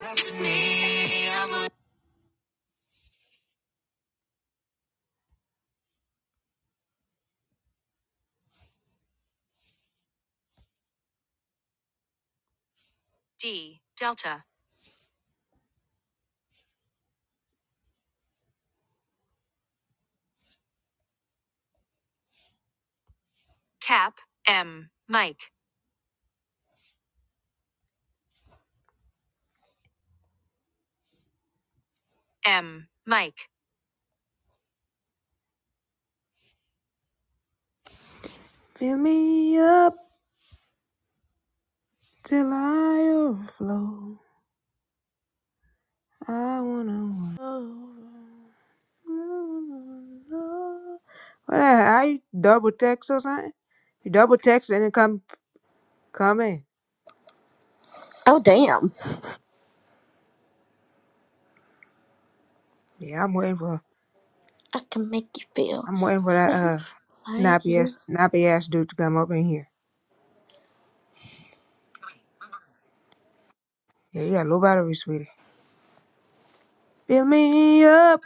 D. Delta Cap M Mike M Mike. Fill me up till I overflow. I wanna overflow. What? the hell, you double text or something? You double text and then come come in. Oh, damn. Yeah, I'm waiting for I can make you feel I'm waiting for that uh safe like nappy you. ass nappy ass dude to come up in here. Yeah, you got low battery, sweetie. Fill me up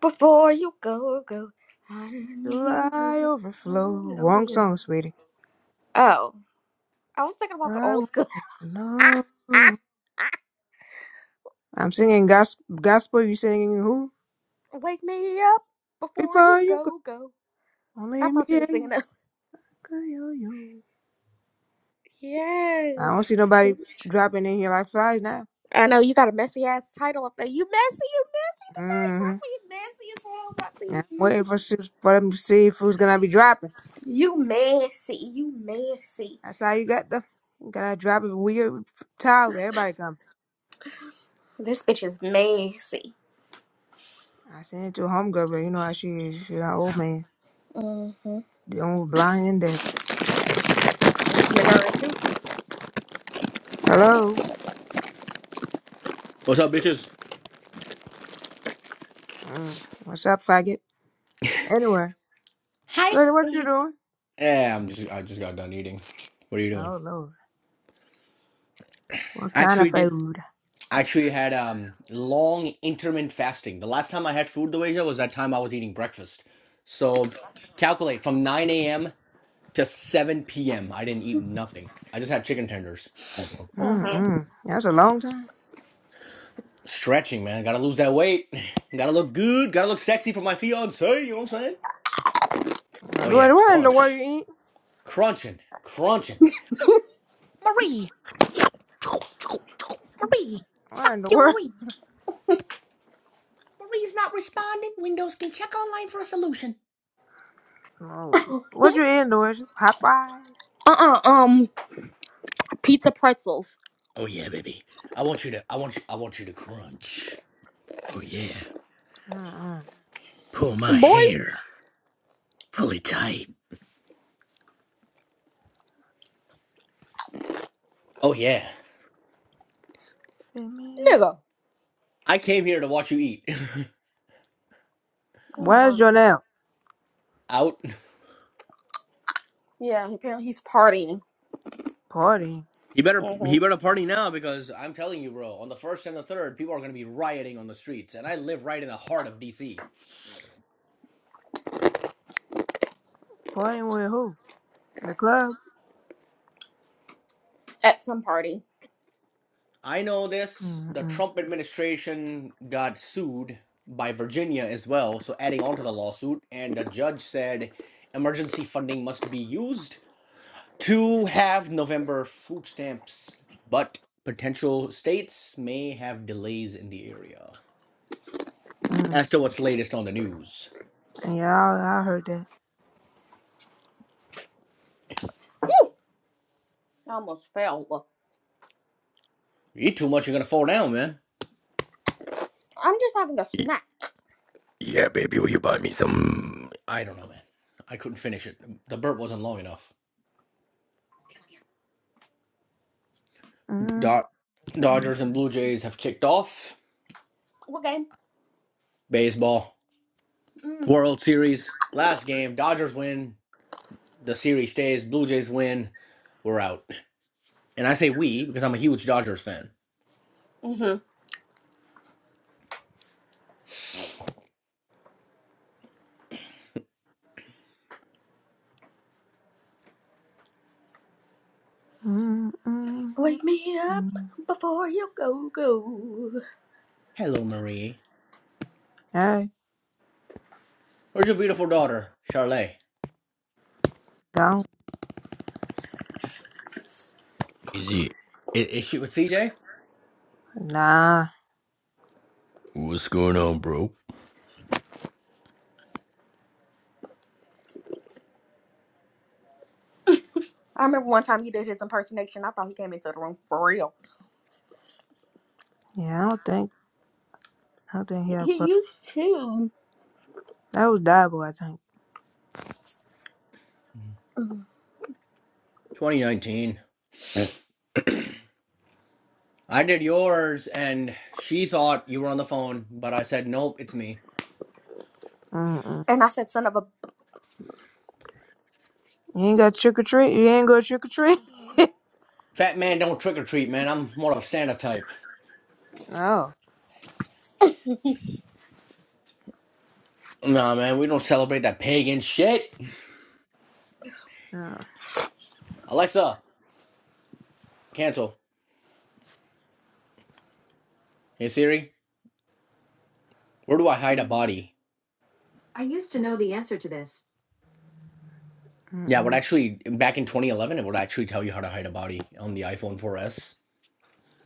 Before you go, go. I need Till I you. overflow. Wrong song, sweetie. Oh, I was thinking about the I old want school. to know. I'm singing gos- gospel. You singing who? Wake me up before you Before you go, go, go. I only me thought you were and singing you. it. Yo-yo. I don't see Yes. nobody dropping in here like flies now. I know you got a messy ass title up there. You messy, you messy, Mm-hmm. you messy as hell, I'm waiting for, su- for them to see if who's gonna be dropping. You messy, you messy. That's how you got them. You gotta drop it weird towel. Everybody come. This bitch is messy. I sent it to a homegirl, but you know how she is. She's an old man. The old blind and deaf. Hello. What's up, bitches? Mm. What's up, faggot? Anyway. Hi, Dwayne, what you Faith. doing? Yeah, I'm just I just got done eating. What are you doing? Oh Lord, what I kind of actually did food? I actually had um long intermittent fasting. The last time I had food the way was that time I was eating breakfast. So calculate from 9 a.m. to 7 p.m. I didn't eat nothing. I just had chicken tenders. Uh huh. Mm-mm. That's a long time. Stretching, man. Gotta lose that weight. Gotta look good. Gotta look sexy for my fiance. You know what I'm saying? Uh, Oh yeah, Dwayne, what in the world crunch, you eat? crunching, crunching. Marie. Marie, What fuck in the you, world? Marie. Marie. Oh, Lord. what you eating, Dwayne? Hot fries? Uh uh. Um, pizza pretzels. Oh yeah, baby. I want you to I want you I want you to crunch. Oh yeah. Mm-mm. Pull my Boy, hair. Pull it tight. Oh yeah. Let me. nigga. I came here to watch you eat. Oh Where's man. Jonelle? Out. Yeah, apparently he's partying. Partying. He better hmm he better party now because I'm telling you, bro, on the first and the third, people are gonna be rioting on the streets, and I live right in the heart of DC. Partying with who? The club? At some party. I know this. The Mm-mm. Trump administration got sued by Virginia as well. So, adding on to the lawsuit, and the judge said emergency funding must be used to have November food stamps, but potential states may have delays in the area. Mm. As to what's latest on the news, Yeah, I, I heard that. Whew, I almost fell. you eat too much, you're gonna fall down, man. I'm just having a snack. Yeah, baby. I don't know, man. I couldn't finish it. The burp wasn't long enough. Mm-mm. Dod- Dodgers and Blue Jays have kicked off Okay. baseball. Mm. World Series. Last game, Dodgers win. The series stays. Blue Jays win. We're out. And I say we because I'm a huge Dodgers fan. Mm-hmm. Mm-mm. Wake me up before you go go. Hello, Marie. Hey, Where's your beautiful daughter, Charlotte? gone. Is it? Is, is she with CJ? Nah. What's going on, bro? I remember one time he did his impersonation. I thought he came into the room for real. Yeah, I don't think. I don't think he have He club. used to. That was Diable, I think. And 2019. I did yours, and she thought you were on the phone, but I said, nope, it's me. Mm mm. I said, son of a. You ain't got trick or treat. You ain't go trick or treat. Fat man don't trick or treat, man. I'm more of a Santa type. no, Nah, man, we don't celebrate that pagan shit. no. Alexa, cancel. Hey, Siri. Where do I hide a body? I used to know the answer to this. Yeah, it would Mm-mm. actually back in 2011, it would actually tell you how to hide a body on the iPhone 4S.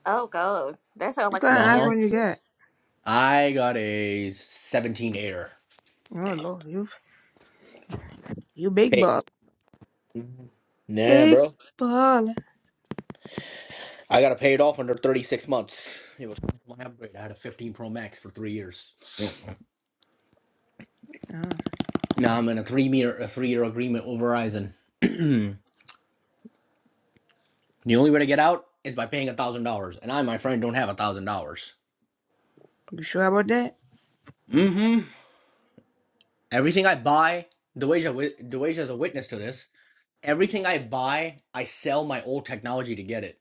Oh, God. That sounds What like some Uh kind of huh. scary iPhone you shit. got? I got a 17 er Oh Lord, you you big Hey, ball, nah, big bro. ball. I gotta pay it off under 36 months. It was my upgrade. I had a 15 Pro Max for three years. No, Now I'm in a three year a three year agreement with Verizon. the only way to get out is by paying a thousand dollars, and I, my friend, don't have a thousand dollars. you sure about that? Mm-hmm. Everything I buy, Deweja, is a witness to this. Everything I buy, I sell my old technology to get it.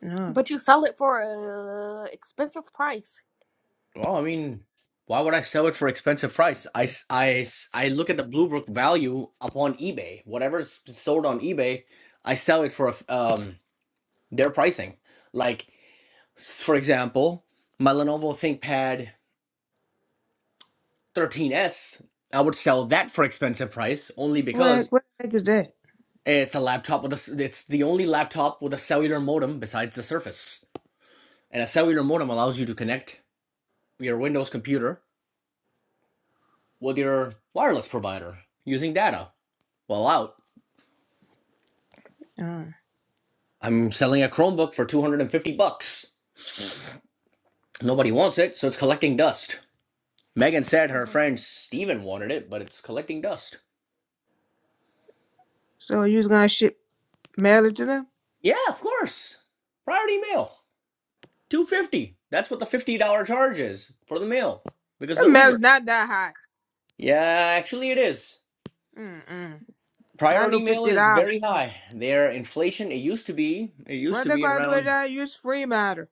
No. But you sell it for a expensive price. Well, I mean, why would I sell it for expensive price? I I I look at the Bluebook value upon eBay. Whatever's sold on eBay, I sell it for um their pricing. Like, for example, my Lenovo ThinkPad 13s, I would sell that for expensive price only What the because heck, what the heck is that? It's a laptop with a. it's the only laptop with a cellular modem besides the Surface. And a cellular modem allows you to connect your Windows computer with your wireless provider using data. Well, out. No. I'm selling a Chromebook for 250 bucks. Nobody wants it, so it's collecting dust. Megan said her Mhm. friend Steven wanted it, but it's collecting dust. So you was gonna ship mail it to them? Yeah, of course. Priority mail. 250. That's what the $50 charge is for the mail because That of the mail Uber. is not that high. Yeah, actually it is. Mm-mm. Not no priority mail fifty is very dollars. high. Their inflation, it used to be, it used What to they be gonna do around it? Use free matter.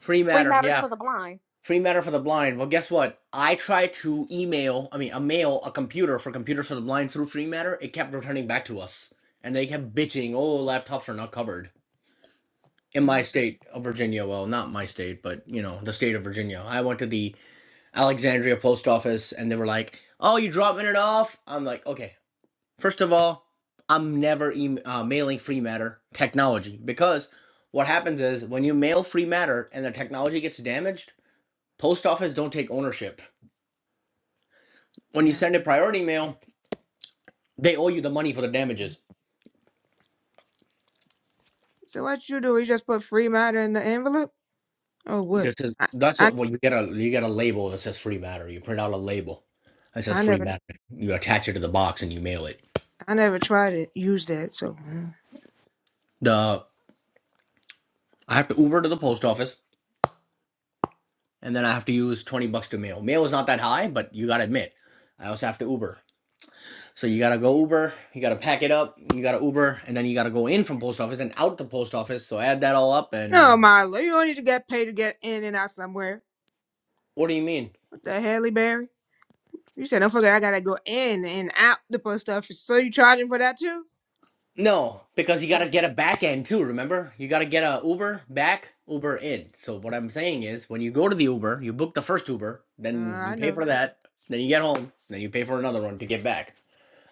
free Free matter. matters Yeah, to the blind. free matter for the blind. Well, guess what? I tried to email, I mean, a mail a computer for computers for the blind through free matter. It kept returning back to us, and they kept bitching, "Oh, laptops are not covered." In my Oh, state of Virginia, well, not my state, but you know, the state of Virginia. I went to the Alexandria post office, and they were like, "Oh, you dropping it off?" I'm like, "Okay." First of all, I'm never em uh, mailing free matter technology because what happens is when you mail free matter and the technology gets damaged, post office don't take ownership. When you yeah. send a priority mail, they owe you the money for the damages. So what you do? You just put free matter in the envelope, or what? This is I, that's I, what what you get a you get a label that says free matter. You print out a label that says I free never, matter. You attach it to the box and you mail it. I never tried to use that. So mm. The I have to Uber to the post office and then I have to use twenty bucks to mail. Mail is not that high, but you gotta admit, I also have to Uber. So you gotta go Uber, you gotta pack it up, you gotta Uber, and then you gotta go in from post office and out the post office. So add that all up no, and Milo, you don't need to get paid to get in and out somewhere. what do you mean? What the hell, Barry? You said, don't forget, I gotta go in and out the post office. So you charging for that too? No, because you Oh, gotta get a back end too, remember? You gotta get a Uber back, Uber in. So what I'm saying is when you go to the Uber, you book the first Uber, uh, then you I pay for know. that, then you get home, then you pay for another one to get back.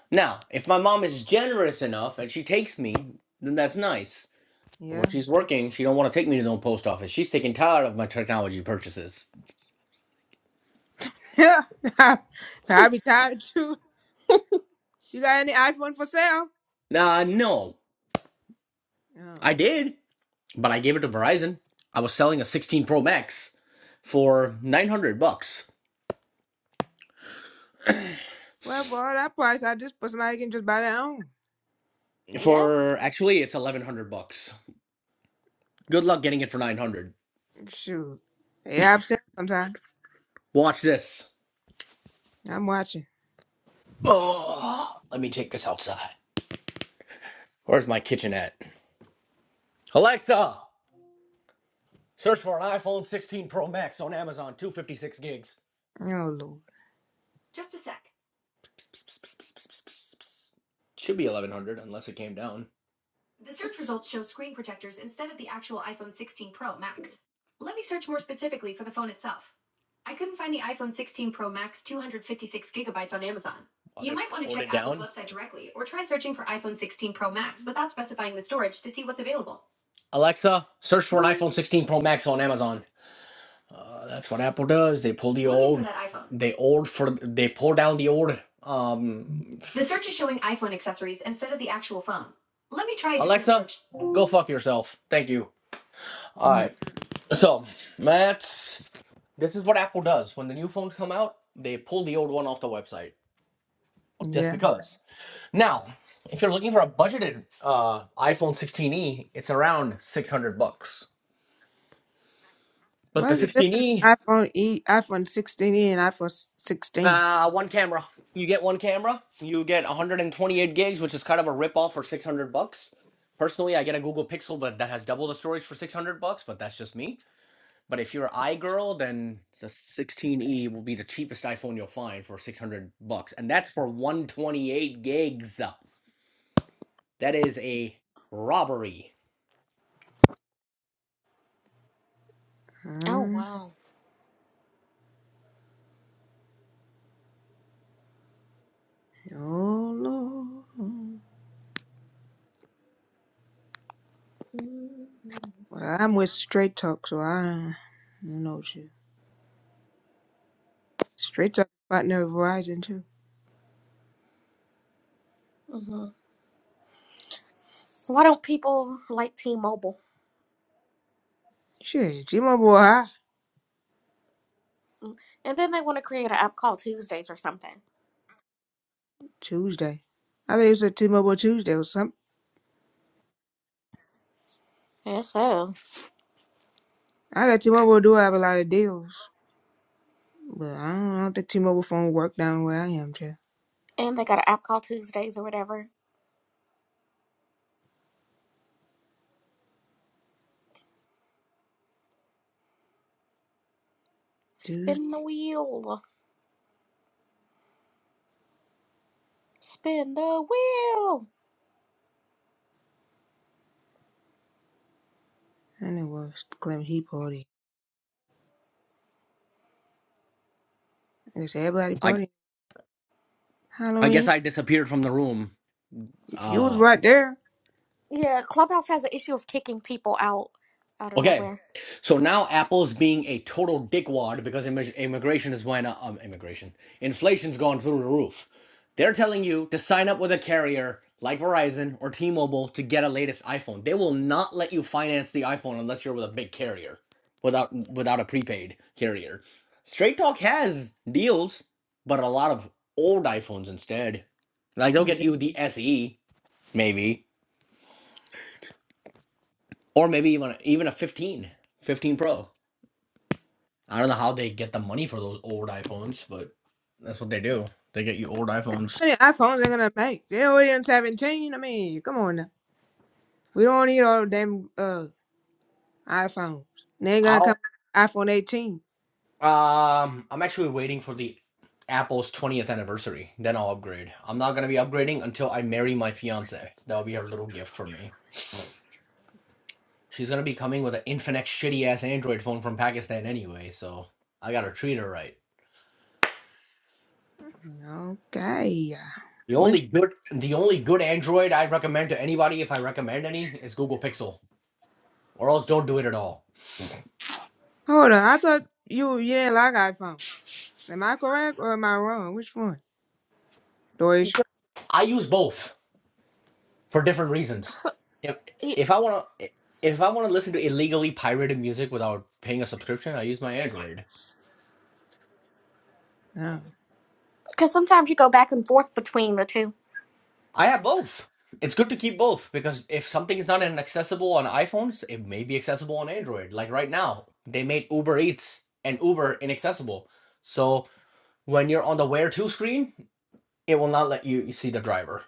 Now, if my mom is generous enough and she takes me, then that's nice. But when Yeah. she's working, she don't want to take me to no post office. She's taking Tyler of my technology purchases. Yeah. I'll be tired too. You got any iPhone for sale? Uh, no, Oh. I did, but I gave it to Verizon. I was selling a 16 Pro Max for 900 bucks. Well, for all that price, I just put somebody can just buy their own. Yeah. For actually, it's 1100 bucks. Good luck getting it for 900. Shoot. Yeah, I'm selling sometime. Watch this. I'm watching. Oh, let me take this outside. Where's my kitchen at? Alexa, search for an iPhone 16 Pro Max on Amazon, 256 gigs. Oh, Lord. Just a sec. Should be 1100 unless it came down. The search results show screen protectors instead of the actual iPhone 16 Pro Max. Let me search more specifically for the phone itself. I couldn't find the iPhone 16 Pro Max 256 gigabytes on Amazon. You might want to check it Apple's website directly or try searching for iPhone 16 Pro Max without specifying the storage to see what's available. Alexa, search for an iPhone 16 Pro Max on Amazon. Uh, that's what Apple does. They pull the old, they old for they pull down the old. Um, The search is showing iPhone accessories instead of the actual phone. Let me try Alexa, go fuck yourself. Thank you. All Mm, right. So that's this is what Apple does when the new phones come out. They pull the old one off the website just yeah. because. Now, if you're looking for a budgeted uh, iPhone 16e, it's around 600 bucks. But the What's the difference 16e in iPhone E, iPhone 16e, and iPhone s- 16? Uh, one camera. You get one camera. You get 128 gigs, which is kind of a rip off for 600 bucks. Personally, I get a Google Pixel, but that has double the storage for 600 bucks. But that's just me. But if you're an iGirl, then the 16e will be the cheapest iPhone you'll find for 600 bucks, and that's for 128 gigs. That is a robbery. Oh, Mm, wow. oh Lord. hmm Well, I'm with Straight Talk, so I, I don't know Straight talk partner of Verizon too. Why don't people like T-Mobile? Shit, T-Mobile high And then they want to create an app called Tuesdays or something. Tuesday. I think it's a T-Mobile Tuesday or something. Yes, so. I got T-Mobile do have a lot of deals, but I don't, I don't think T-Mobile phone work down where I am. Too. And they got an app called Tuesdays or whatever. Tuesday, Spin the wheel. Spin the wheel. and it was Clem he party. I guess everybody I party. I guess Halloween, I disappeared from the room. you was Uh right there. Yeah, Clubhouse has an issue of kicking people out out of Okay. nowhere. So now Apple's being a total dickwad because immi- immigration is went up. Um, immigration. Inflation's gone through the roof. They're telling you to sign up with a carrier like Verizon or T Mobile to get a latest iPhone. They will not let you finance the iPhone unless you're with a big carrier, without, without a prepaid carrier. Straight Talk has deals, but a lot of old iPhones instead. Like they'll How get you the SE, maybe, or maybe even, even a 15, 15 Pro. I don't know how they get the money for those old iPhones, but that's what they do. They get you old iPhones. many iPhones they gonna make? They already on seventeen. I mean, come on now. We don't need all them uh iPhones. They ain't gonna I'll come with iPhone eighteen. um I'm actually waiting for the Apple's 20th anniversary. Then I'll upgrade. I'm not gonna be upgrading until I marry my fiance. That'll be her little gift for me. She's gonna be coming with an Infinix shitty ass Android phone from Pakistan anyway, so I gotta treat her right. Okay. yeah. The when? only good the only good Android I recommend to anybody if I recommend any is Google Pixel. Or else don't do it at all. Hold on. I thought you you didn't like iPhone. Am I correct or am I wrong? Which one? Deutsche. I use both. for different reasons. So, If if because I want to if I want to listen to illegally pirated music without paying a subscription, I use my Android. No. sometimes you go back and forth between the two. I have both. It's good to keep both because if something is not an- accessible on iPhones, it may be accessible on Android. Like right now, they made Uber Eats and Uber inaccessible. So when you're on the Where To screen, it will not let you you see the driver.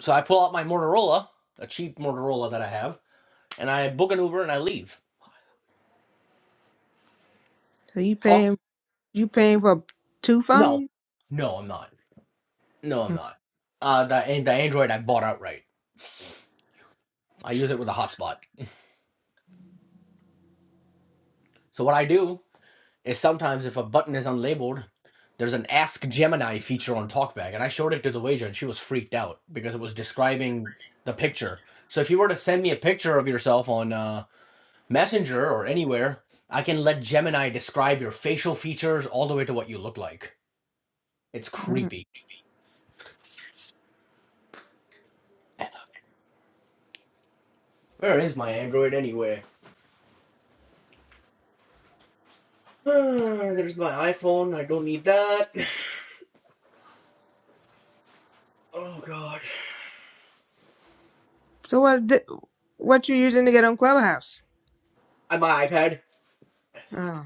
So I pull out my Motorola, a cheap Motorola that I have, and I book an Uber and I leave. So you Talk? paying you paying for two No, phones? no, I'm not. No, I'm not. Uh, the the Android I bought outright. I use it with a hotspot. So what I do is sometimes if a button is unlabeled, there's an Ask Gemini feature on TalkBack, and I showed it to the wager, and she was freaked out because it was describing the picture. So if you were to send me a picture of yourself on uh, Messenger or anywhere, I can let Gemini describe your facial features all the way to what you look like. It's Mm-mm. creepy. Where is my Android anyway? Ah, There's my iPhone. I don't need that. Oh god. So what di- what you using to get on Clubhouse? And my iPad. Oh,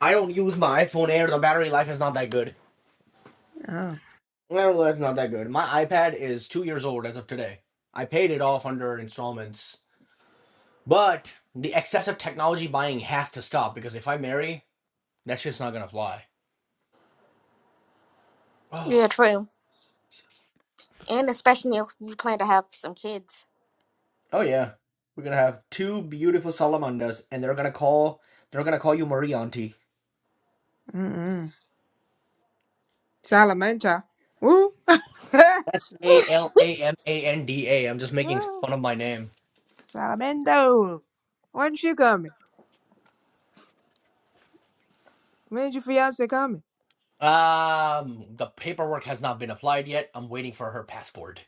I don't use my iPhone Air. The battery life is not that good. oh, Battery life's not that good. My iPad is two years old as of today. I paid it off under installments. But the excessive technology buying has to stop because if I marry, that shit's not gonna fly. Oh, Yeah, true. And especially if you plan to have some kids. oh yeah. We're gonna have two beautiful salamanders, and they're gonna call they're gonna call you Marie Auntie. mm-mm. Salamento. Woo. That's A Lord. L A M A N D A. I'm just making Oh, fun of my name. Salamento. When's she coming? When's your fiance coming? Um, the paperwork has not been applied yet. I'm waiting for her passport.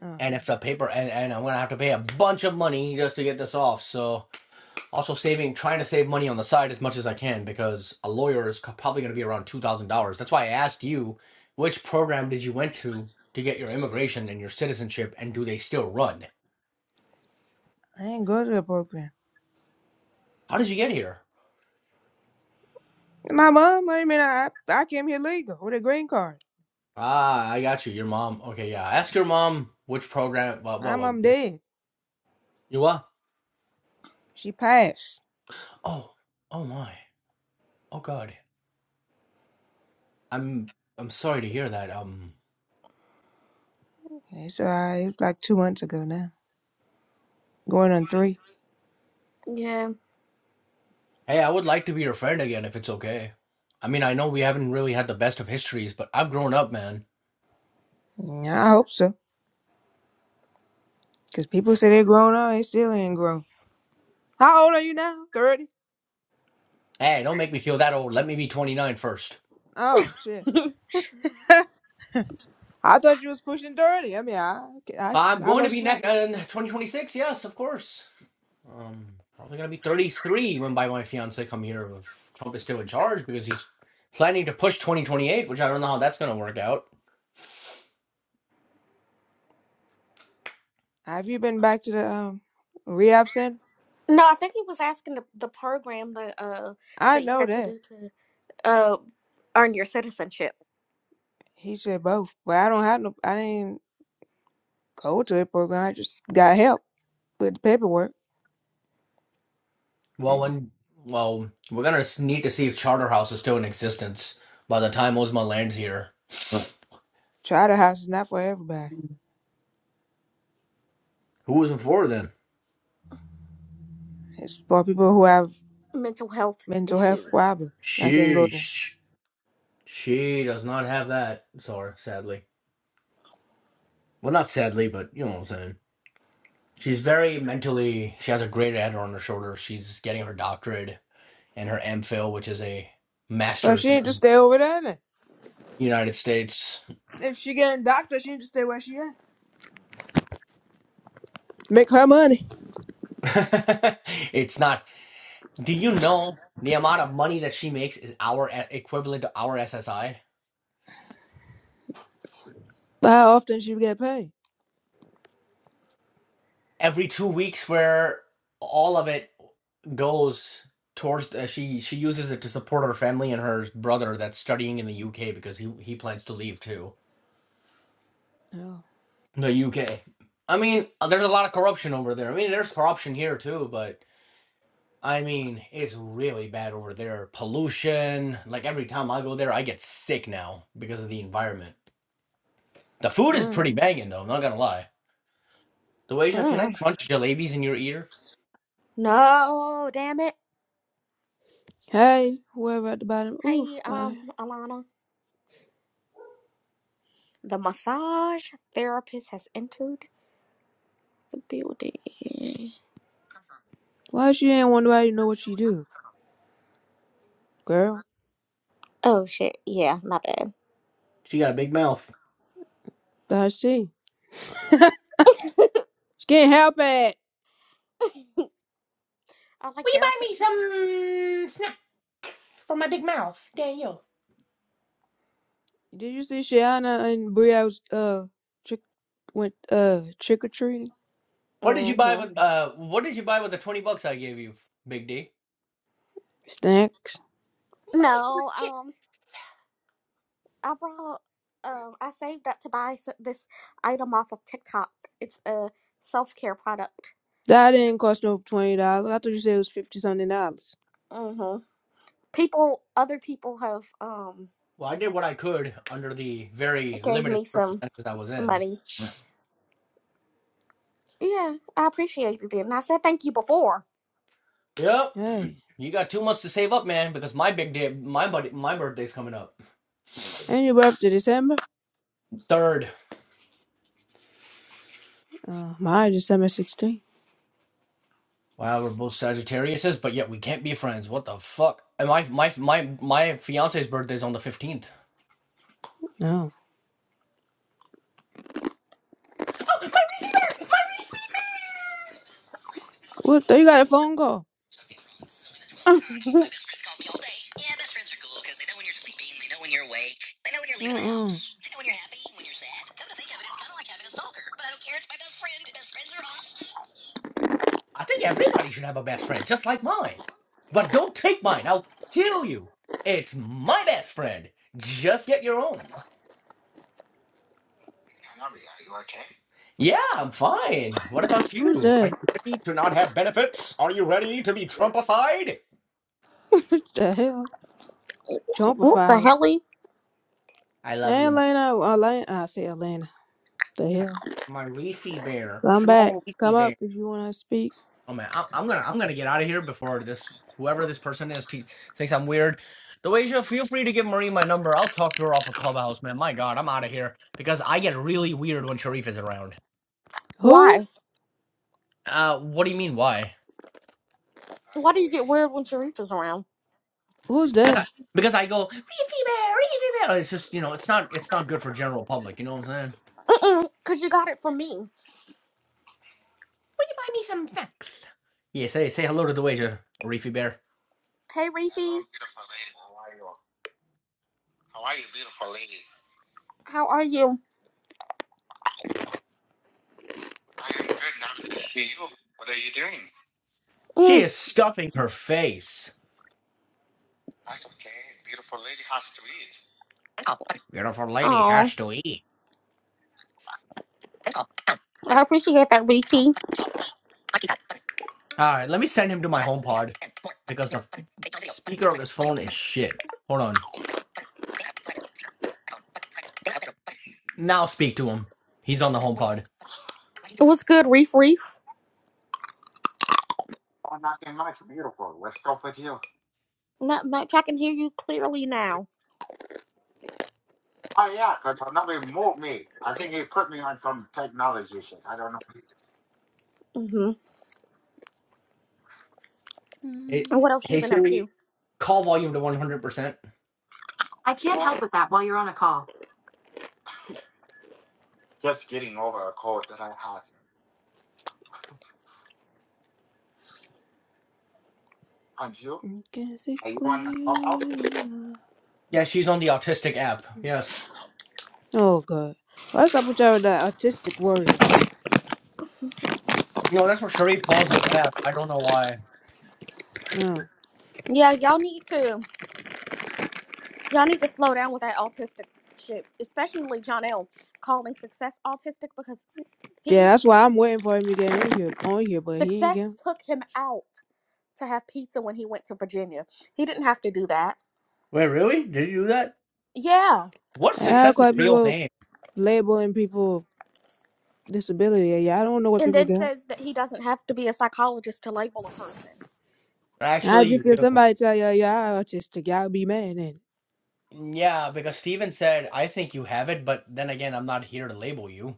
Oh, And if the paper and, and I'm gonna have to pay a bunch of money just to get this off. So also saving, trying to save money on the side as much as I can because a lawyer is probably gonna be around two thousand dollars. That's why I asked you, which program did you went to to get your immigration and your citizenship, and do they still run? I ain't go to the program. How did you get here? My mom, what do you mean? I, I came here legal with a green card. Ah, I got you. Your mom. Okay, yeah. Ask your mom which program. What? My What? what mom dead. you what? She passed. Oh, oh my. Oh God. I'm I'm sorry to hear that. Um, It's uh, it was like two months ago now, going on three. Yeah. hey, I would like to be your friend again if it's okay. I mean, I know we haven't really had the best of histories, but I've grown up, man. Yeah, I hope so, because people say they're grown up, they still ain't grown. How old are you now? Thirty. Hey, don't make me feel that old. Let me be twenty-nine i Oh shit! I thought you was pushing thirty. I mean, I I I'm I going to lost be track. next uh, 2026. Yes, of course. Um, probably gonna be 33 when by my fiance come here if Trump is still in charge because he's planning to push 2028, which I don't know how that's gonna work out. Have you been back to the um rehab center? No, I think he was asking the, the program that uh I that you know had to that do. to. uh, earn your citizenship. he said both, but I don't have no. I didn't go to a program. I just got help with the paperwork. Well, And when well, we're gonna s- need to see if Charterhouse is still in existence by the time Ozma lands here. Charter House is not for everybody. Who was in for then? It's for people who have Mental health mental health issues. problems. I can go there. Sheesh. She does not have that, sorry, sadly. Well, not sadly, but you know what I'm saying. She's very mentally. She has a great head on her shoulder. She's getting her doctorate and her MPhil, which is a But she master's in need to stay over there. Then. the United States. If she getting doctor, she need to stay where she at. Make her money. it's not. Do you know the amount of money that she makes is our e- equivalent to our SSI? how often she get paid? every two weeks where all of it goes towards uh, she she uses it to support her family and her brother that's studying in the UK because he he plans to leave too Oh. the UK. I mean, uh, there's a lot of corruption over there. I mean, there's corruption here too, but I mean, it's really bad over there. Pollution, like every time I go there, I get sick now because of the environment. The food is Mm. pretty banging though, I'm not gonna lie. Doasia, can I Mm. crunch jalebis in your ear? No, damn it. Hey, whoever at the bottom. Oof. Hey, Why, um, Alana, the massage therapist has entered the building. why she didn't want nobody to know what she do, girl? Oh shit, yeah, my bad. She got a big mouth. I see. She can't help it. I like Will you buy me therapists. some snacks for my big mouth, Daniel? Did you see Shiana and Brielle's uh trick went uh trick or treating? What did you buy Mm-hmm. with uh what did you buy with the 20 bucks I gave you, Big D? Snacks. Will you buy me some No, chips? um, I brought, um, I saved up to buy s- this item off of TikTok. It's a self care product. That didn't cost no twenty dollars. I thought you said it was fifty something dollars. Mm-hmm. People, other people have, um, Well, I did what I could under the very gave limited me some circumstances I was in. money Yeah, I appreciated it. And I said thank you before. Yep. Hey, You got two months to save up, man, because my big day, my buddy, my birthday's coming up. ain't your birthday December? Third. Uh, mine December sixteenth. Wow, we're both Sagittariuses, but yet we can't be friends. What the fuck? And my my my my fiance's birthday's on the fifteenth. No. Oh my. What? the- You got a phone call? what Uh uh I think everybody should have a best friend, just like mine. But don't take mine. I'll kill you. It's my best friend. Just get your own. Yeah, I'm fine. What about Who's you? Are you that? ready to not have benefits? Are you ready to be Trumpified? what the hell? the Jumpified. helly? I love Hey you, my Elena, Elena. I say Elena. The hell. my leafy bear, Come back. small Come leafy bear. up if you wanna speak. Oh man, I, I'm gonna I'm gonna get out of here before this whoever this person is te- thinks I'm weird. Doasia, feel free to give Marie my number. I'll talk to her off a clubhouse, man. My God, I'm out of here because I get really weird when Sharif is around. Who? Why? Uh, what do you mean? Why? Why do you get weird when Sharif is around? Who's Because I, that? because I go "Reefy bear, Reefy bear." It's just you know, it's not it's not good for general public. You know what I'm saying? Mm-mm, Cause you got it from me. Will you buy me some snacks? Yeah, say say hello to the waiter, Reefy bear. Hey, Hello, Reefy, beautiful lady. How are you? How are you, beautiful lady? how are you? I am good now to see you. What are you doing? She Mm. is stuffing her face. That's okay. Beautiful lady has to eat. Beautiful lady Oh, has to eat. I appreciate that, Reefy. It All right, let me send him to my home pod. because the speaker on this phone is shit. Hold on. Now speak to him. He's on the HomePod. pod. was good, Reef Reef. Oh, nothing much. Beautiful. What's up with you? Not much. I can hear you clearly now. Oh, yeah, yeah, 'cause another moved me. I think he put me on some technology shit. I don't know. Mm-hmm. Hey, And Mm, what else you hey been up Siri, to? call volume to 100%. Can't help it. Just getting over a cold that I had. Aren't you? I Can't see Are you on the clubhouse? clearly now. Yeah, she's on the autistic app. Yes. Oh God. What's up with y'all with that artistic word? You know, that's what Sharif calls this app. I don't know why. No. Yeah, y'all need to y'all need to slow down with that autistic shit, especially John L. Calling success autistic because Yeah, he that's why I'm waiting for him to get in here on here, but he ain't get. success took him out. to have pizza when he went to Virginia. He didn't have to do that. Wait, really? Did you do that? Yeah. What's How Success's quite real people name? labeling people disability? Yeah, yeah, I don't know what And people then got. says that he doesn't have to be a psychologist to label a person. how Actually, do you you feel do. somebody tell y'all y'all autistic? Y'all be mad then. Yeah, because Steven said, I think you have it, but then again, I'm not here to label you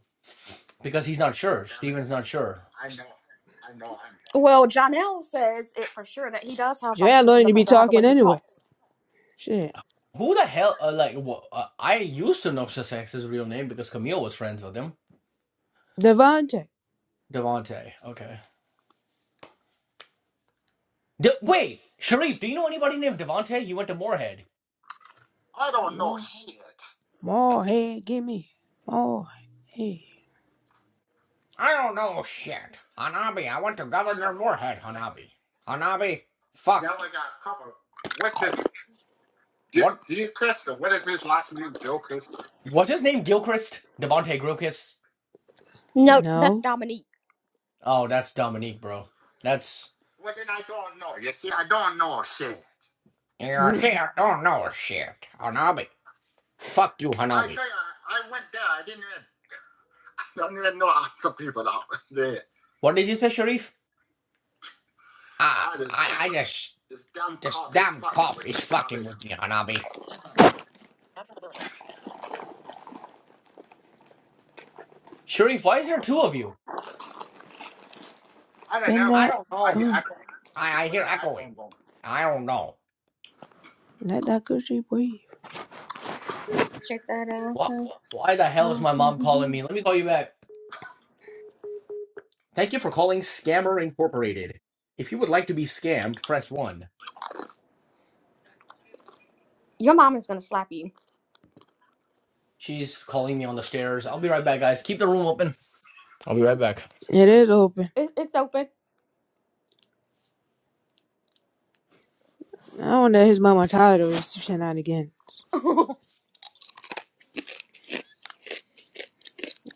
because he's not sure. Steven's not sure. I know, I know I'm it. Well, Jonell says it for sure that he does have Joanne don't autism need to be because of how the way talking he anyway. talks. Shit. Who the hell, uh, like, wha- uh, I used to know Sussex's real name because Camille was friends with him. Devontae. Devante. Okay. De- Wait, Sharif, do you know anybody named Devante? He went to Moorhead. I don't know More shit. more head, give me. More head. I don't know shit. Hanabi, I went to Governor Moorhead, Hanabi. Hanabi. Fuck. Now fucked. I got a couple. What's this? What Gilchrist? or What is his last name? Gilchrist? what's his name? Gilchrist? Devontae Gilchrist? No, that's No. Dominique. Oh, that's Dominique, bro. That's Well, then I don't know. You see, I don't know shit. you Mm. see, I Don't know shit, Hanabi. Fuck you, I Hanabi. tell you, I I went there. I didn't even, I don't even know half people out there. What did you say, Sharif? Ah, I just, I, I just this damn this cough is damn fucking cough with is me, Bobby. fucking Hanabi. with me, Hanabi. Sharif, why is there two of you? I don't Bend know. I that don't know. oh I, I, I when hear I, I, echoing. I don't know. let that coochie breathe. Check What? that Why the hell is out. my mom calling me? Let me call you back. Thank you for calling Scammer Incorporated. If you would like to be scammed, press 1. Your mom is gonna slap you. She's calling me on the stairs. I'll be right back, guys. Keep the room open. I'll be right back. It is open. It, it's open. I wonder if his mama tired of his shenanigans.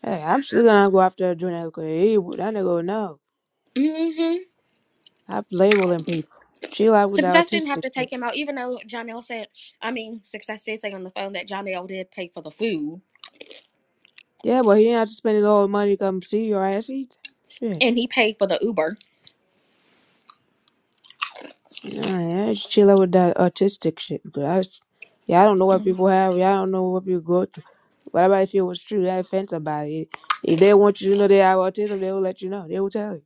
Hey, I'm still gonna go after Aduna because he, that nigga would know. hmm I'm labeling people. She like with the Success didn't have autistic to shit. take him out, even though Jonell said, I mean, Success did say on the phone that Jonell did pay for the food Yeah, but he didn't have to spend his whole money to come see your ass eat. Shit. and he paid for the Uber. Nah, yeah, she chill out with that autistic shit. Because I, s- yeah, I don't know what Mm people have. Yeah, I don't know what people go through. What about if it was true? That offends somebody. If they want you to know they have autism, they will let you know. They will tell you.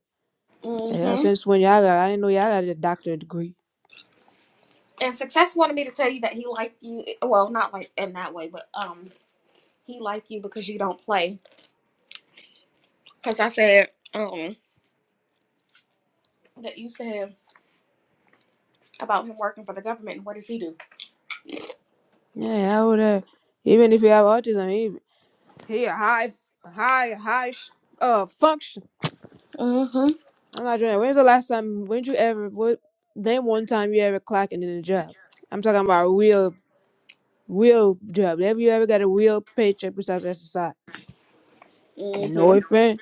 Yeah, hmm since when y'all got, I didn't know y'all got a doctorate degree. and success wanted me to tell you that he liked you well not like in that way but um he liked you because you don't play because i said um that you said about him working for the government and what does he do Yeah, I would have. Even if you have autism, He a high, a high, a high sh- uh function. mm-hmm I'm not doing that. When's the last time? When you ever? What? Name one time you ever clocking in a job. I'm talking about a real, real job. Have you ever got a real paycheck besides SSI? And no mm-hmm offense,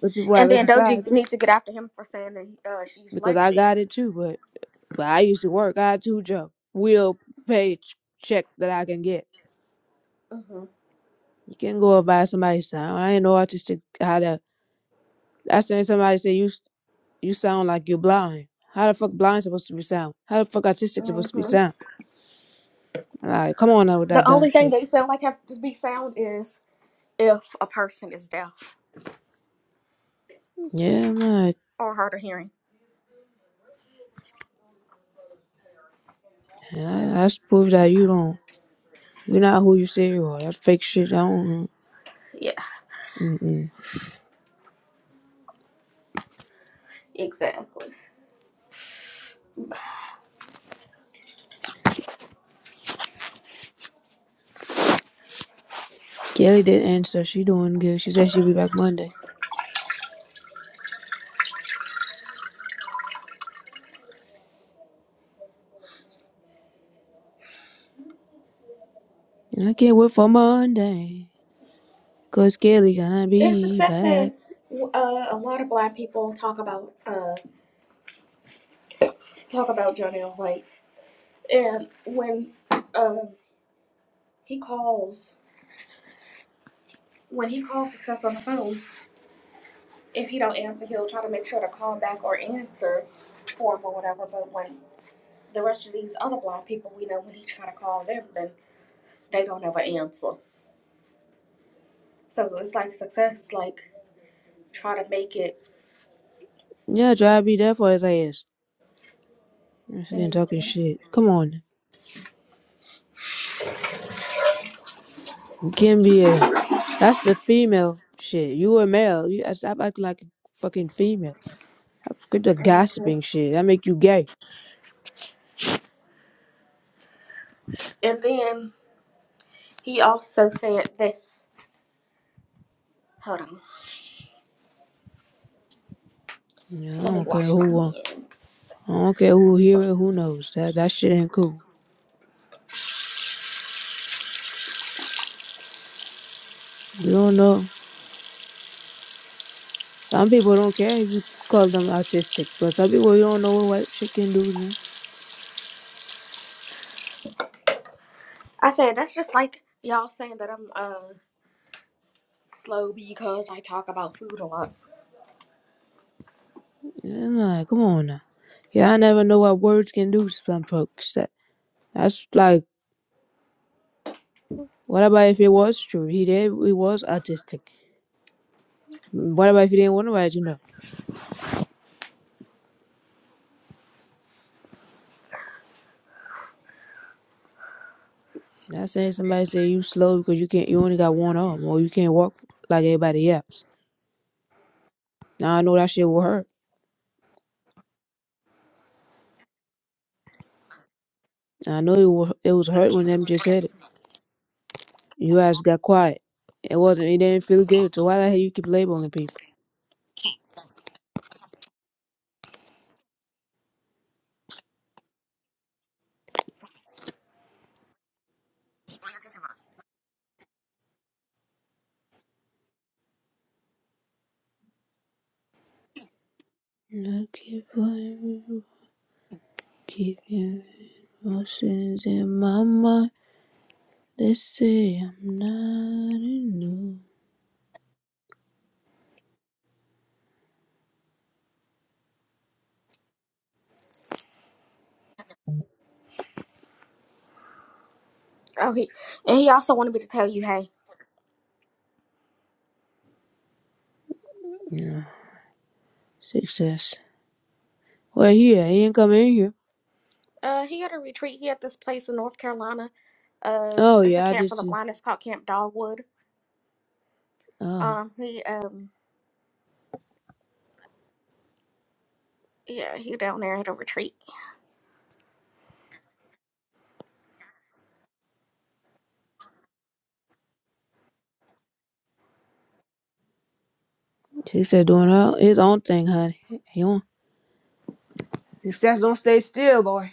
but people have and then SSI doji needs to get after him for saying that uh, she's because I lesbian got it too. But but I used to work. I had two jobs. Real pay ch- check that I can get. mm-hmm You can't go and buy somebody's time. I ain't know autistic how to. I seen somebody say you. You sound like you're blind. How the fuck blind supposed to be sound? How the fuck autistic supposed to be mm-hmm sound? Like, come on now with that the dumb only thing shit. that you sound like have to be sound is if a person is deaf Yeah, I'm not. or hard of hearing I, that's proof that you don't. You're not who you say you are. That fake shit. I don't. yeah Mm-mm. exactly Kelly did answer. She doing good. She said she'll be back Monday. And I can't wait for Monday, 'cause Kelly gonna and be success back. said uh, a lot of black people talk about uh, talk about Johnny L. White. And when um he calls, when he calls Success on the phone, if he don't answer, he'll try to make sure to call back or answer for him or whatever. But when the rest of these other blind people, we know when he try to call them, then they don't ever answer. So it's like Success, like try to make it. Yeah, try to be there for his ass. She didn't talking Mhm. shit. Come on. Gambier. That's the female shit. You a male. You gotta stop acting like a fucking female. Quit the gossiping Mhm. shit. That make you gay. And then he also said this. Hold on, Yeah, I let me don't care wash my who won. hands. I don't care who hear it. Who knows? That that shit ain't cool. You don't know. Some people don't care if you call them autistic, but some people you don't know what white shit can do to them. I said that's just like y'all saying that I'm uh slow because I talk about food a lot. Yeah, like, come on now. Yeah, I never know what words can do to some folks. That, that's like, what about if it was true? He did. He was autistic. What about if he didn't want nobody to know? Not saying somebody say you slow because you can't you only got one arm or you can't walk like everybody else. Now I know that shit will hurt. And I know it was it was hurt when them just said it. You guys got quiet. It wasn't it didn't feel good. So why the hell you keep labeling people? I keep on keeping emotions in my mind. They say I'm not enough. Okay, and he also wanted me to tell you, hey, Yeah. Success. Well yeah, he ain't come in here. uh, he had a retreat. He had this place in North Carolina. Uh, Oh it's a yeah, I camp for just the blind. It's called Camp Dogwood. oh. Um, he um, yeah, he down there at a retreat. She said doing her, his own thing, honey. He don't Success don't stay still, boy.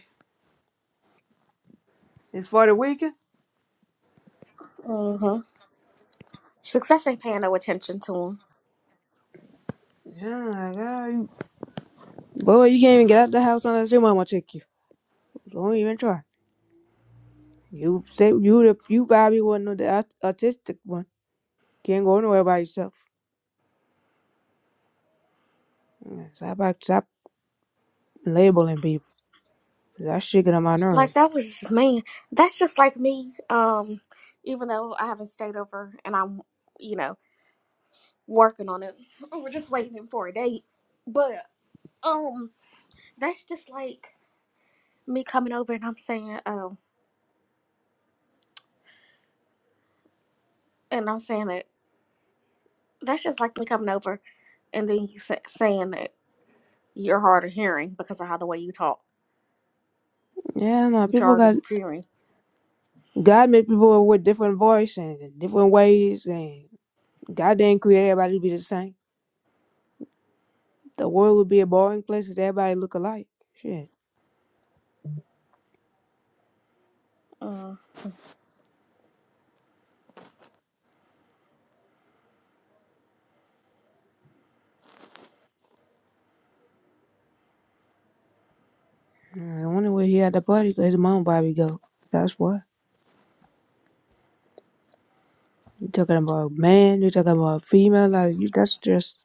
It's for the weekend. Mm-hmm. Success ain't paying no attention to him. Yeah, God. Boy, you can't even get out the house unless your mama take you. Don't even try. You say you the you probably one of the aut- autistic one. Can't go nowhere by yourself. Yeah, Stop act- stop labeling people. That shit get on my Like nerve. that was just me. That's just like me. Um, even though I haven't stayed over and I'm, you know, working on it. We're just waiting for a date. But um, that's just like. me coming over and I'm saying, oh, and I'm saying that that's just like me coming over and then you sa- saying that you're hard of hearing because of how the way you talk. Yeah, man. You're People hard of got hearing. God made people with different voice and different ways, and God didn't create everybody to be the same. The world would be a boring place if everybody look alike. Shit. Uh, I wonder where he had the party. Let his mom Bobby go. That's what you talking about, man. You talking about female? Like you, that's just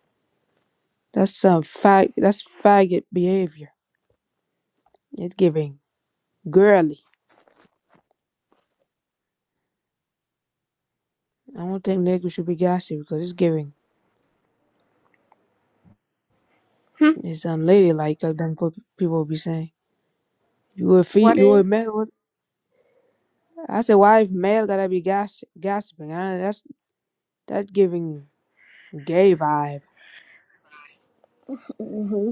that's some fag. That's faggot behavior. It's giving girly. I don't think niggas should be gassy because it's giving. hmm, It's unladylike. Like them fo- people be saying, "You a fe- what you a is? male." What- I said, "Why if male gotta be gas gossiping? I, that's that's giving gay vibe. Mm-hmm.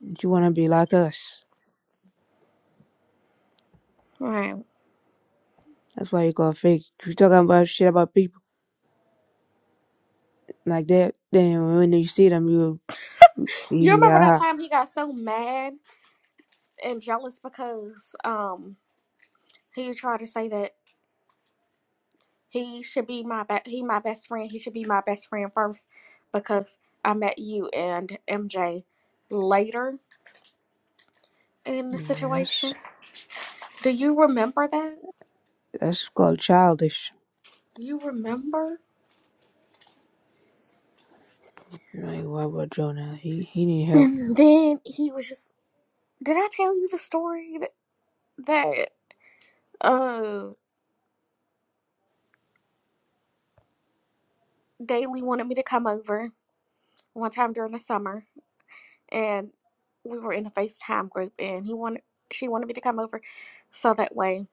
You wanna be like us? Right. That's why you call fake. You talking about shit about people." like that. Then when you see them, you You remember that yeah, time he got so mad and jealous because um he tried to say that he should be my be- he my best friend. He should be my best friend first because I met you and MJ later in the yeah, that's situation. Do you remember that? that's called childish. You remember? Like what about Jonah? He he need help. And then he was just, did I tell you the story that, that uh, Daly wanted me to come over one time during the summer and we were in a FaceTime group and he wanted, she wanted me to come over so that way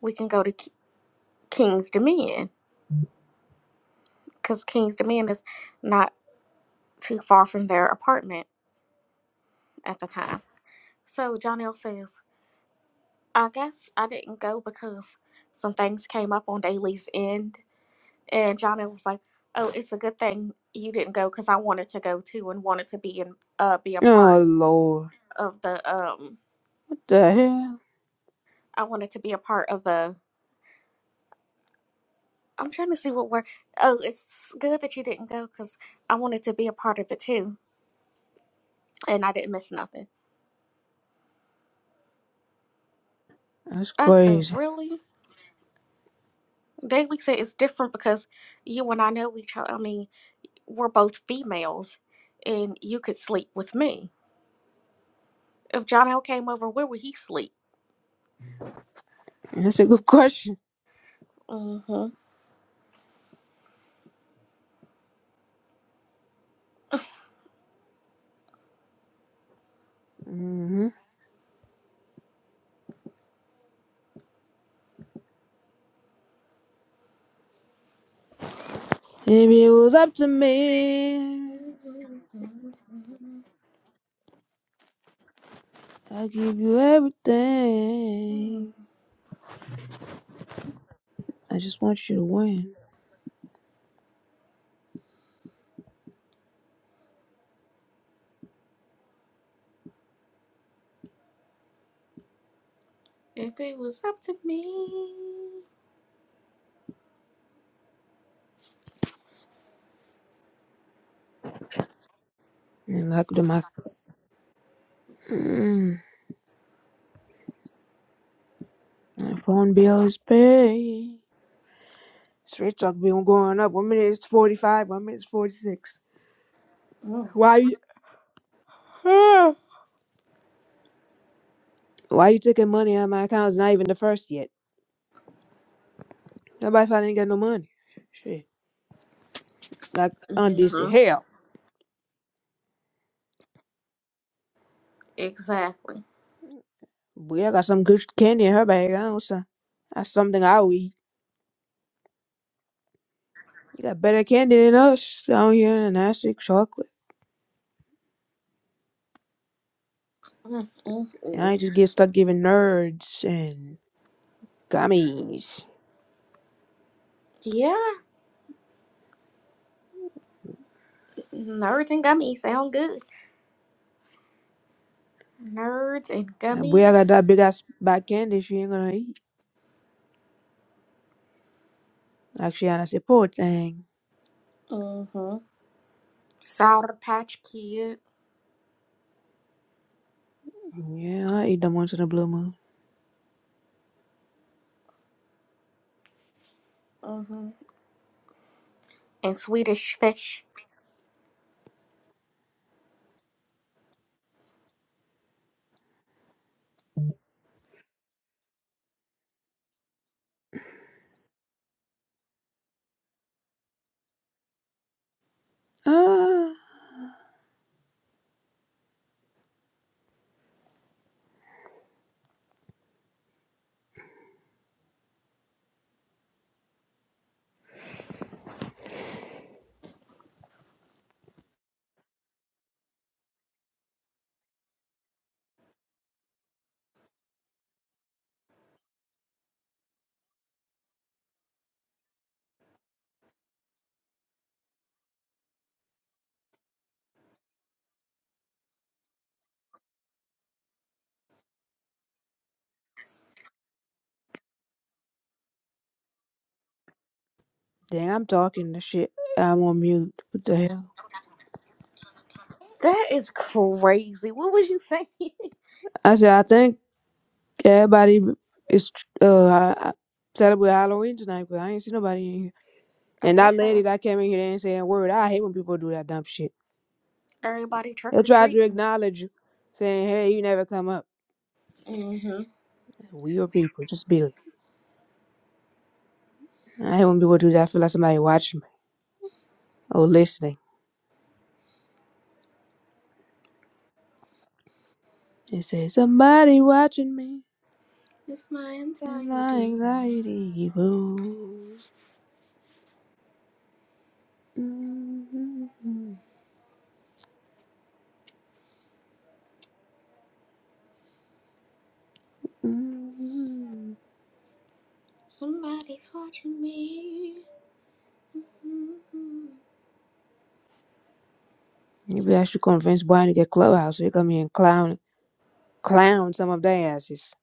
we can go to K- King's Dominion because King's Dominion is not too far from their apartment at the time. So John says, I guess I didn't go because some things came up on Daly's end And Johnny was like, "Oh, it's a good thing you didn't go because I wanted to go too and wanted to be in uh be a Oh part Lord, of the um what the hell? I wanted to be a part of the I'm trying to see what word. Oh, it's good that you didn't go because I wanted to be a part of it too and I didn't miss nothing." That's I said, crazy. "Really?" Daily said it's different because you and I know each other. I mean, we're both females, and you could sleep with me. If John L came over, where would he sleep? That's a good question. hmm hmm If it was up to me, I'd give you Mm. everything. I just want you to win. If it was up to me. And like the my, mm, my phone bill is paid. Straight talk bill going up. One minute it's forty five. One minute it's forty six. Mm. Why you huh? Why you taking money out of my account? It's not even the first yet. Nobody said I didn't get no money. Shit. Like Auntie said, hmm hell. Exactly. We I got some good candy in her bag. I don't say. That's something I will eat. You got better candy than us down here in Nasty chocolate. And Mm-mm-mm. I just get stuck giving nerds and gummies. Yeah, nerds and gummies sound good. Nerds and And we I got gummies, that big ass bad candy she ain't gonna eat. Actually, I say, poor thing. Mm-hmm. Sour Patch Kid, Yeah, I eat them once in a blue moon. Mm-hmm. and Swedish Fish. Ah, dang, I'm talking the shit. I'm on mute. What the hell? That is crazy. What was you saying? I said, I think everybody is uh celebrating Halloween tonight, but I ain't see nobody in here. I And that guess uh, lady that came in here, they ain't saying a word. I hate when people do that dumb shit. everybody They trick or try to treating. acknowledge you, saying, hey, you never come up. Mm-hmm. We are people, just be. like, I hate when people do that. I feel like somebody watching me or listening. They say, somebody watching me It's my and my anxiety. anxiety evil. Somebody's watching me. Mhm. Maybe I should convince Brian to get Clubhouse. He come here and clown us. clown some of their asses.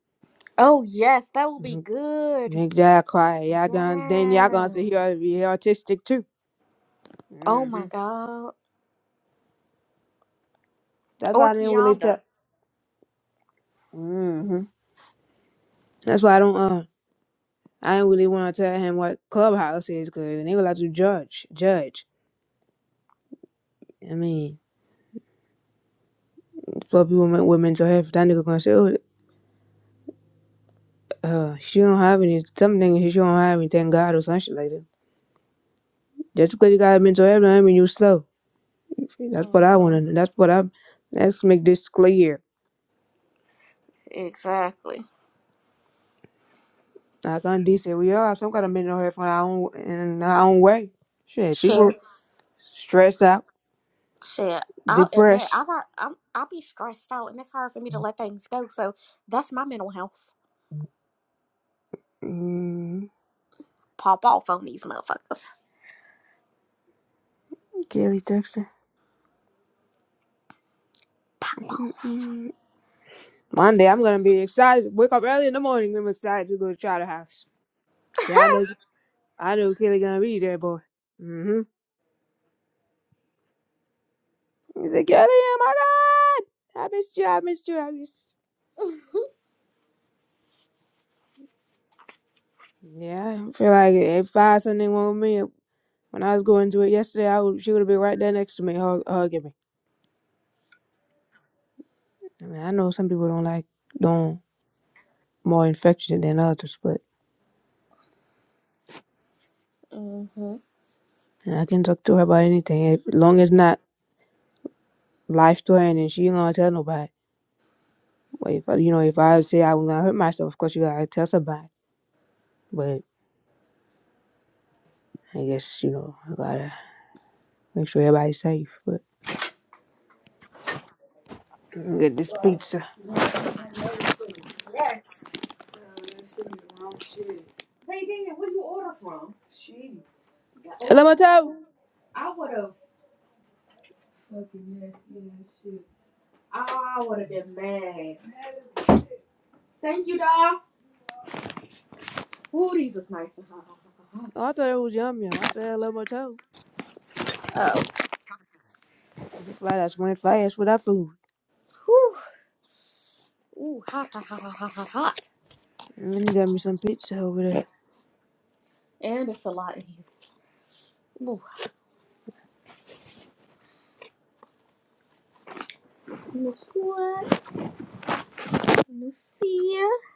Oh yes, that will be Mhm. good. Make y'all quiet. Y'all gonna then y'all Yeah. gonna sit here and be autistic too. Oh hmm my god. That's Or why I didn't really tell. Kianda. hmm That's why I don't. Uh, I didn't really want to tell him what clubhouse is because they would like to judge. Judge. I mean, for people men- with mental health, that nigga gonna say, "Oh, uh, she don't have any. Some niggas she don't have any. Thank God or some shit like that." Just because you got mental health, I mean you slow. That's what I Mm-hmm. want to. That's what i Let's make this clear. Exactly. Like Undy said, we all have some kind of mental health in our own in our own way. Shit, people Shit. stressed out, Shit. I'll admit depressed. I got I'm I'll be stressed out and it's hard for me to let things go. So that's my mental health. Mm, Pop off on these motherfuckers. Kelly Dexter. Pop off. Mm-mm. Monday, I'm gonna be excited. Wake up early in the morning. I'm excited to go to Charter House. Yeah, I know. I know Kelly gonna be there, boy. hmm He's like, Kelly, oh my god, I missed you. I missed you. I missed. You. Yeah, I feel like if I had something wrong with me, when I was going through it yesterday, I would, she would have been right there next to me, hug, hugging me. I mean, I know some people don't like don't more infection than others, but Mm-hmm. hmm and I can talk to her about anything if, as long as not life threatening. she ain't gonna tell nobody. But if I- you know, if I say I'm gonna hurt myself, of course you gotta tell somebody. But I guess you know I gotta make sure everybody's safe. But I'm get this pizza. Hello, my toe. Oh, I thought it was yum yum. I said hello, my toe. You fly that's when fly ass with that food. Whew. Ooh, hot, hot, hot, hot, hot, hot, hot. And then you got me some pizza over And it's a lot in here. Ooh. No sweat. No see ya.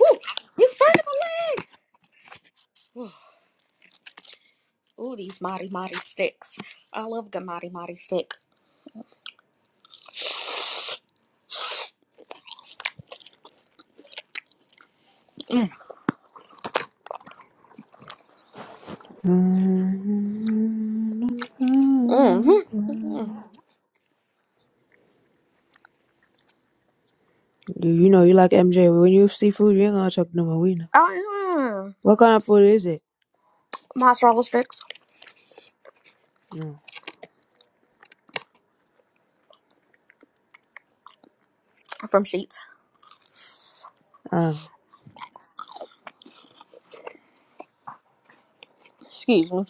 Ooh, you spurned my leg. Ooh, these mighty mighty sticks. I love the mighty mighty stick. Mm. Mm. there. Mm. You, you know, you like MJ. When you see food, you ain't gonna talk no more. We know. yeah, What kind of food is it? Mozzarella sticks No. from Sheets. Oh. Excuse me.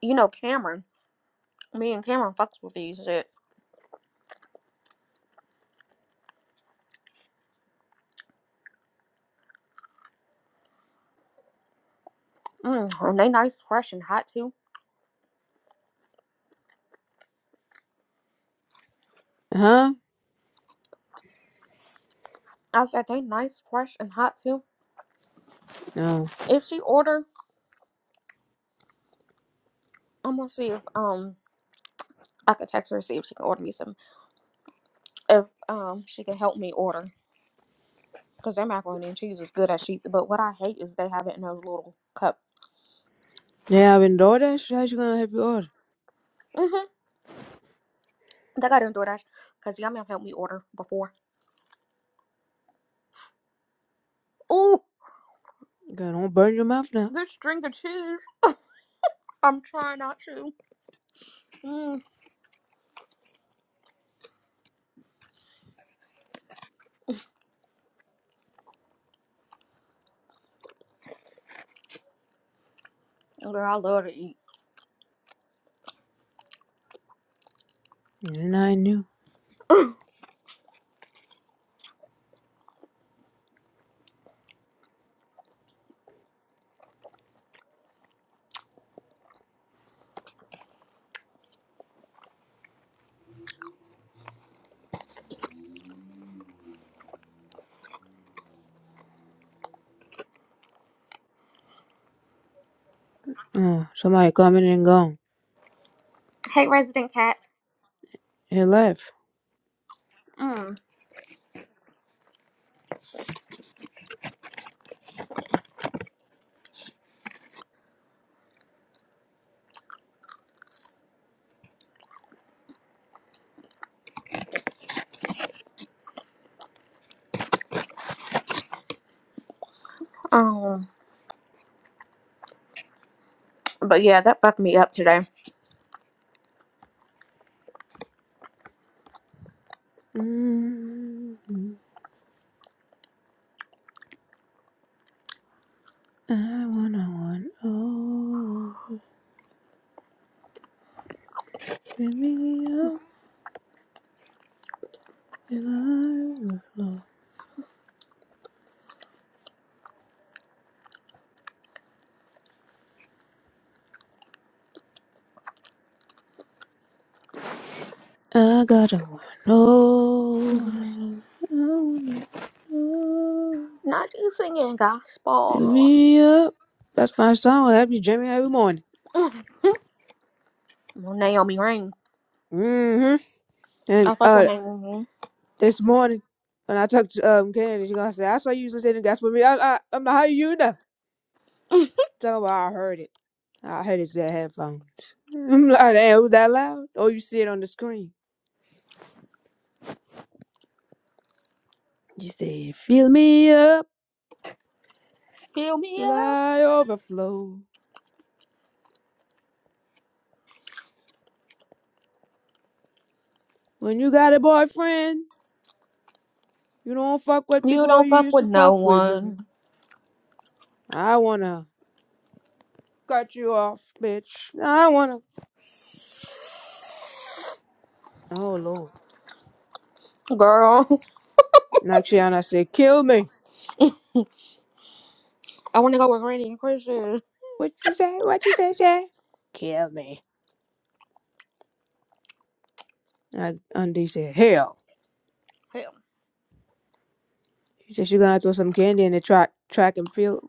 You know Cameron. Me and Cameron fucks with these shit. Mm. And they nice, fresh, and hot too. Huh? I said they nice, fresh, and hot too. No. If she order, I'm gonna see if um I could text her and see if she can order me some. If um she can help me order, cause their macaroni and cheese is good at Sheets. But what I hate is they have it in those little cup. They having DoorDash? How she gonna help you order? Mm-hmm. That got in DoorDash because Yum Yum helped me order before. Oh, God, don't burn your mouth now. this string of cheese. I'm trying not to. Mm. And I knew. Oh, somebody coming and gone. Hey, Resident Cat. He left. Mm. Um, but yeah, that fucked me up today. mm I wanna want all. Fill me up till I overflow. I gotta want all. Mhm. I wanna know. Not you singing Hit gospel. me up. That's my song. I'll be jamming every morning. Mm. Well, Naomi Rain. hmm And I fuck with uh, Naomi this morning when I talked to um Kennedy, she gonna say, "I saw you listening to gospel music." I, I, I'm like, "How you know?" Talking about, I heard it. I heard it through the headphones. I'm like, "Damn, was that loud?" Or you see it on the screen. You say, "Fill me up Fill me till up. I overflow." When you got a boyfriend, you don't fuck with You people don't you fuck used with to no fuck with. one. I wanna cut you off, bitch. I wanna. Oh Lord. Girl, Naxiana said, Kill me. I want to go with Randy and Christian. What you say? What you say, Shay? Kill me. And Undie said, Hell. Hell. He said, You're gonna have to throw some candy in the track track and field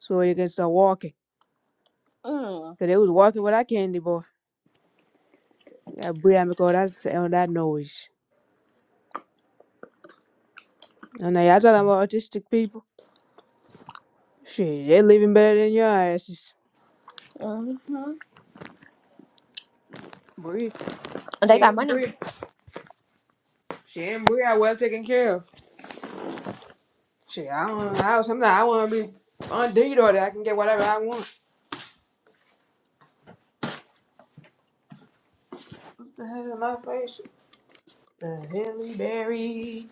so you can start walking. Mm. Cause they was walking with that candy boy. That Brian call that on that noise. And now y'all talking about autistic people. Shit, they living better than your asses. hmm Bree. They She got ain't money. Bree. She ain't Bree are well taken care of. Shit, I don't know how sometimes I wanna be undefeated or that I can get whatever I want. What the hell am my face? The Halle Berry.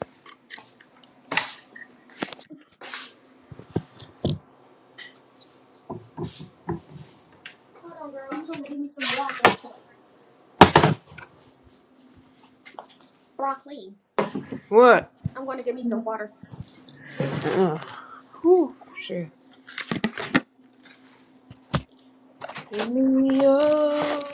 Broccoli. What? I'm going to give me some water. Uh-uh. Whew, shit. Fill me up.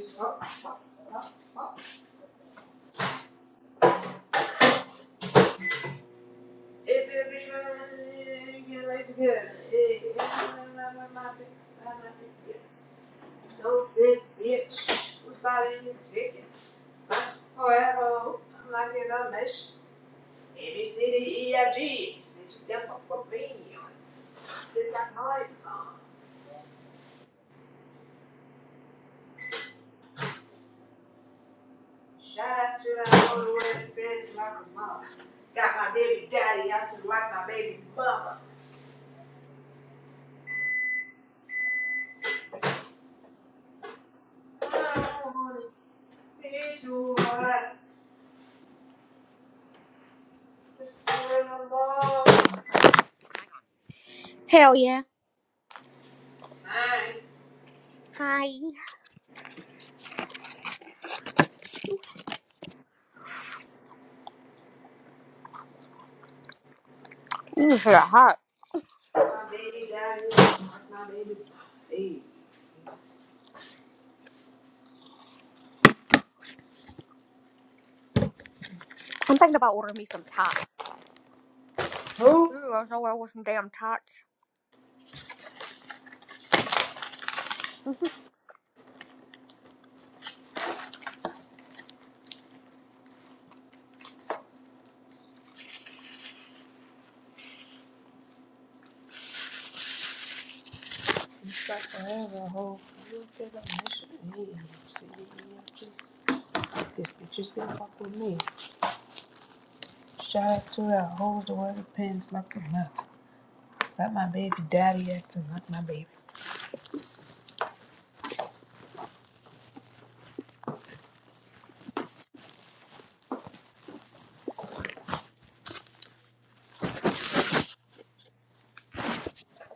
Stop, stop, stop, stop. If it be trying to get like together, hey, no this bitch was buying you ticket. Must forever, I'm like in a mesh. A B C D E F G. This bitch is done for me. This is not my phone. Shout out to that all the way to like a mother. Got my baby daddy acting like my baby mama. I don't wanna be too hard. Just swing the ball. Hell yeah. Mine. Hi. Ooh, shit hot. My baby daddy is like my baby mama. Hey. I'm thinking about ordering me some tots. Who? Ooh, I was nowhere with some damn tots. This bitch is gonna fuck with me. Shout out to that whole the way pins like a mother. Got my baby daddy acting like my baby.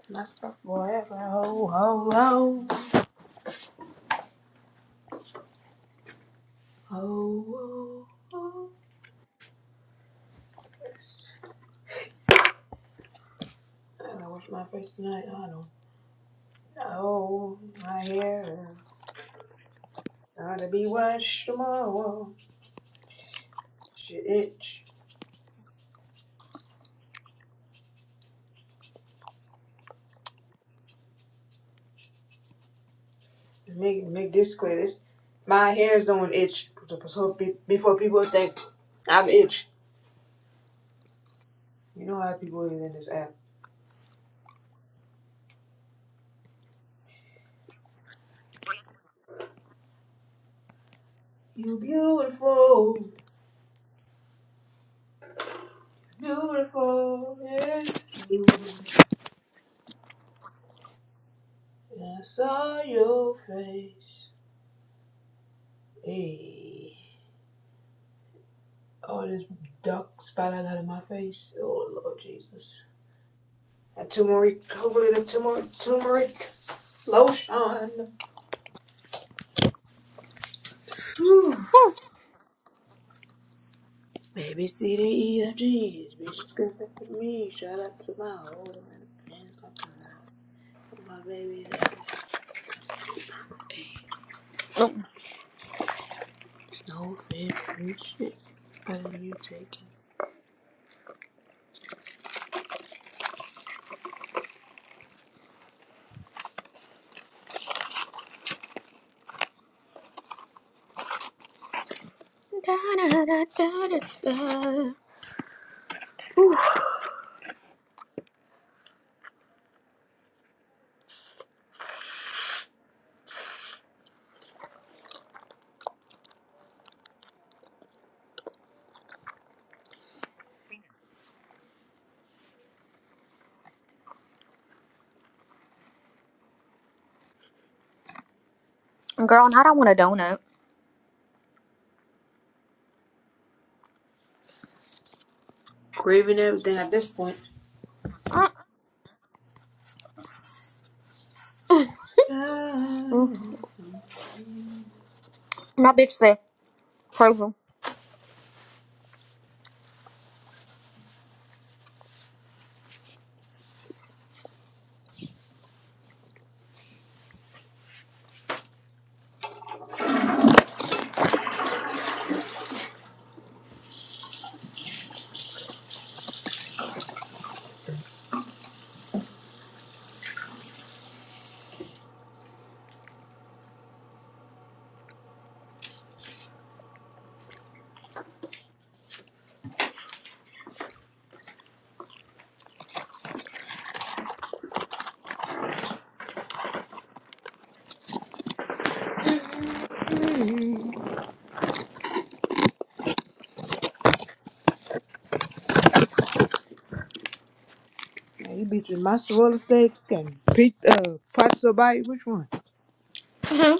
Must stuff, forever. Ho, ho, ho. Ho, ho, ho. I gotta wash my face tonight. I don't know. My hair gotta be washed tomorrow. Shit itch. Make, make this clear. This, my hair's don't itch. So be, before people think I'm itch. You know how people is in this app. You beautiful, beautiful, it's true. I saw your face. Hey. Oh, this duck spotlight out of my face. Oh, Lord Jesus. That turmeric, hopefully the turmeric, turmeric. Lotion. Whew. Ooh. Baby, C, D, E, F, G. Bitches can fuck with me. Shout out to my old man. Hands gonna come out. My baby daddy. Hey, Mm. this no fit bullshit. It's better than you taking. Da, da, da, da, da, da. Girl, not I want a donut. Craving everything at this point. Uh, mm, Now and that bitch said, crazy. you bitches, my swallow steak and pizza, uh, pizza bite. Which one? Huh?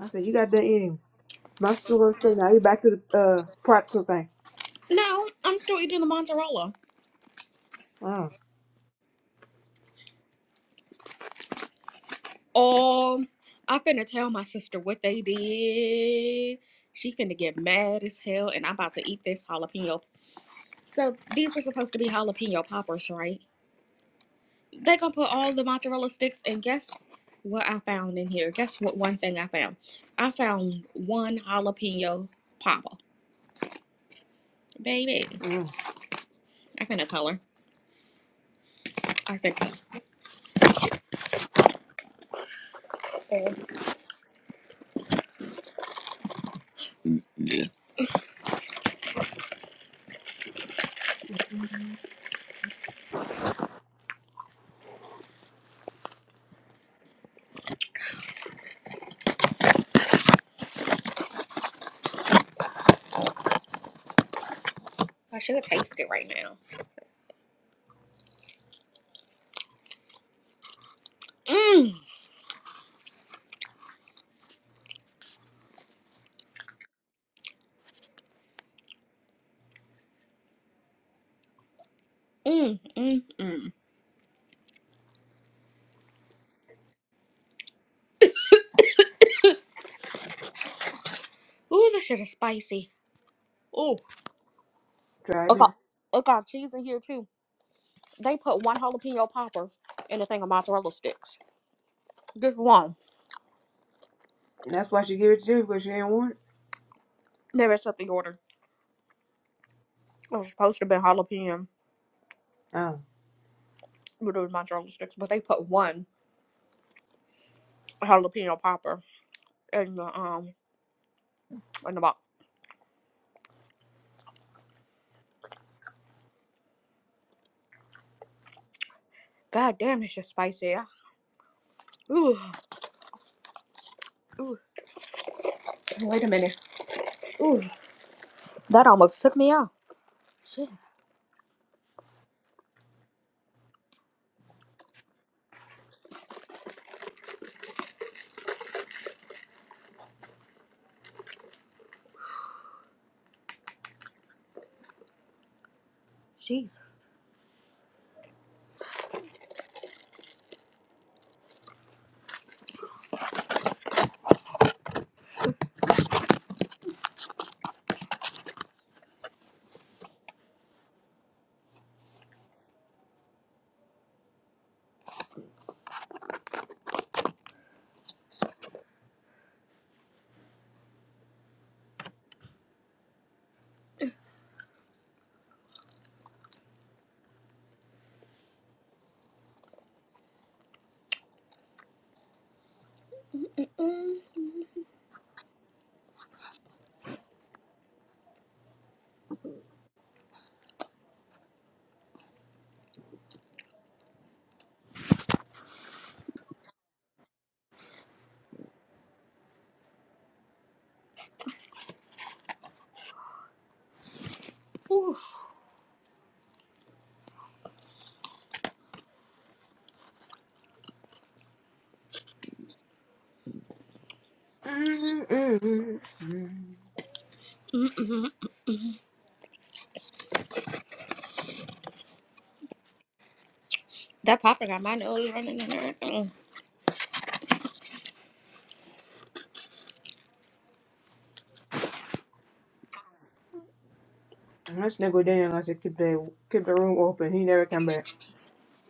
I said, you got done eating. My stool was still now. You back to the uh, pretzel thing. No, I'm still eating the mozzarella. Mm, Um, I finna tell my sister what they did. She finna get mad as hell, and I'm about to eat this jalapeno. So these were supposed to be jalapeno poppers, right? They're gonna put all the mozzarella sticks, and guess what I found in here? Guess what? One thing I found. I found one jalapeno popper, baby. mm. I finna tell her. I think oh, I should have tasted it right now. Mmm, mmm, mmm. Ooh, this shit is spicy. Ooh, Try it, it got and it got cheese in here too. They put one jalapeno popper in a thing of mozzarella sticks. Just one. That's why she gave it to you because she didn't want it. They messed up the order. It was supposed to be jalapeno, Oh. but it was mozzarella sticks. But they put one jalapeno popper in the um in the box. God damn, it's just spicy. Ah, Ooh, ooh. Wait a minute. Ooh, that almost took me out. Shit, Jesus. Mm. Ooh, Mm, mm, mm, mm. that popper got my nose running and everything. And That nigga Daniel, I said, keep the keep the room open. He never come back.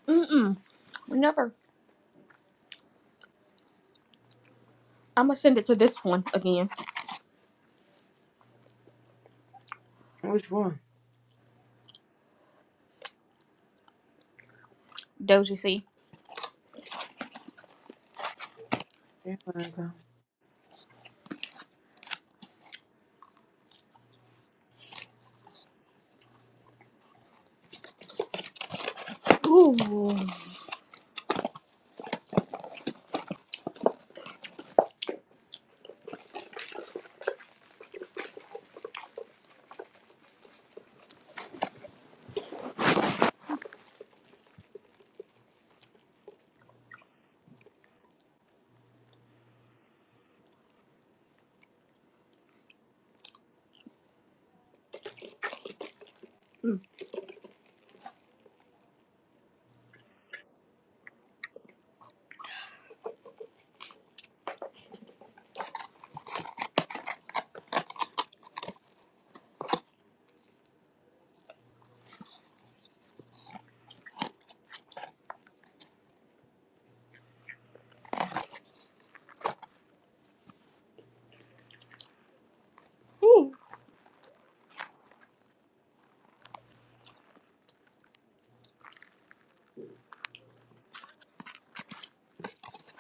Mm mm. Never. I'm gonna send it to this one again. Which one? Doja C. He never come. Ooh, mm,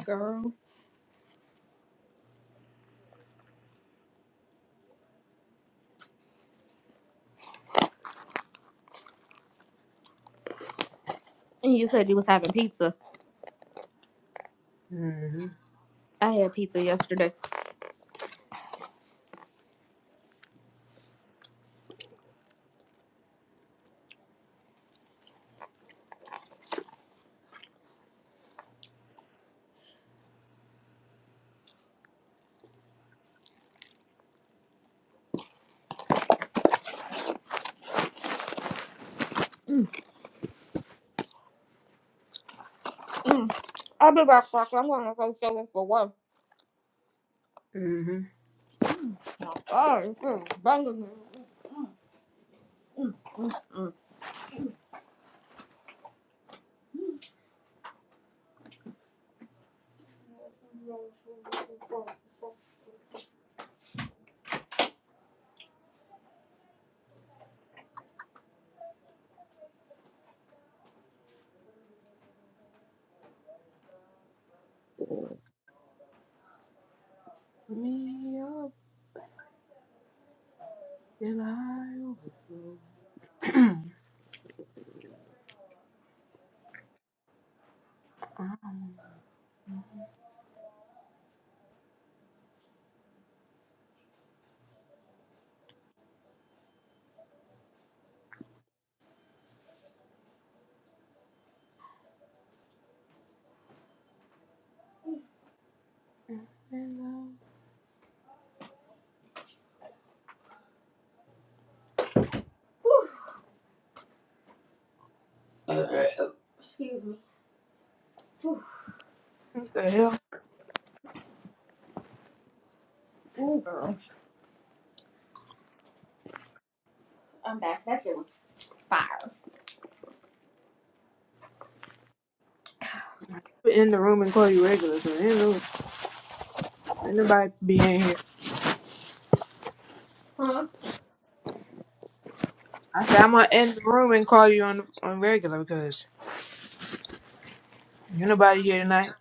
girl. And you said you was having pizza. Mhm, I had pizza yesterday. Mm. I'll be back, Fox. I'm gonna go show up for one. mhm. Oh, it's banging. Me up till I overflow. I'm in love. Ooh, What the hell? ooh, girl. I'm back. That shit was fire. In the room and call you regular. So ain't no- ain't nobody be in here. I said I'm gonna end the room and call you on on regular because you nobody here tonight.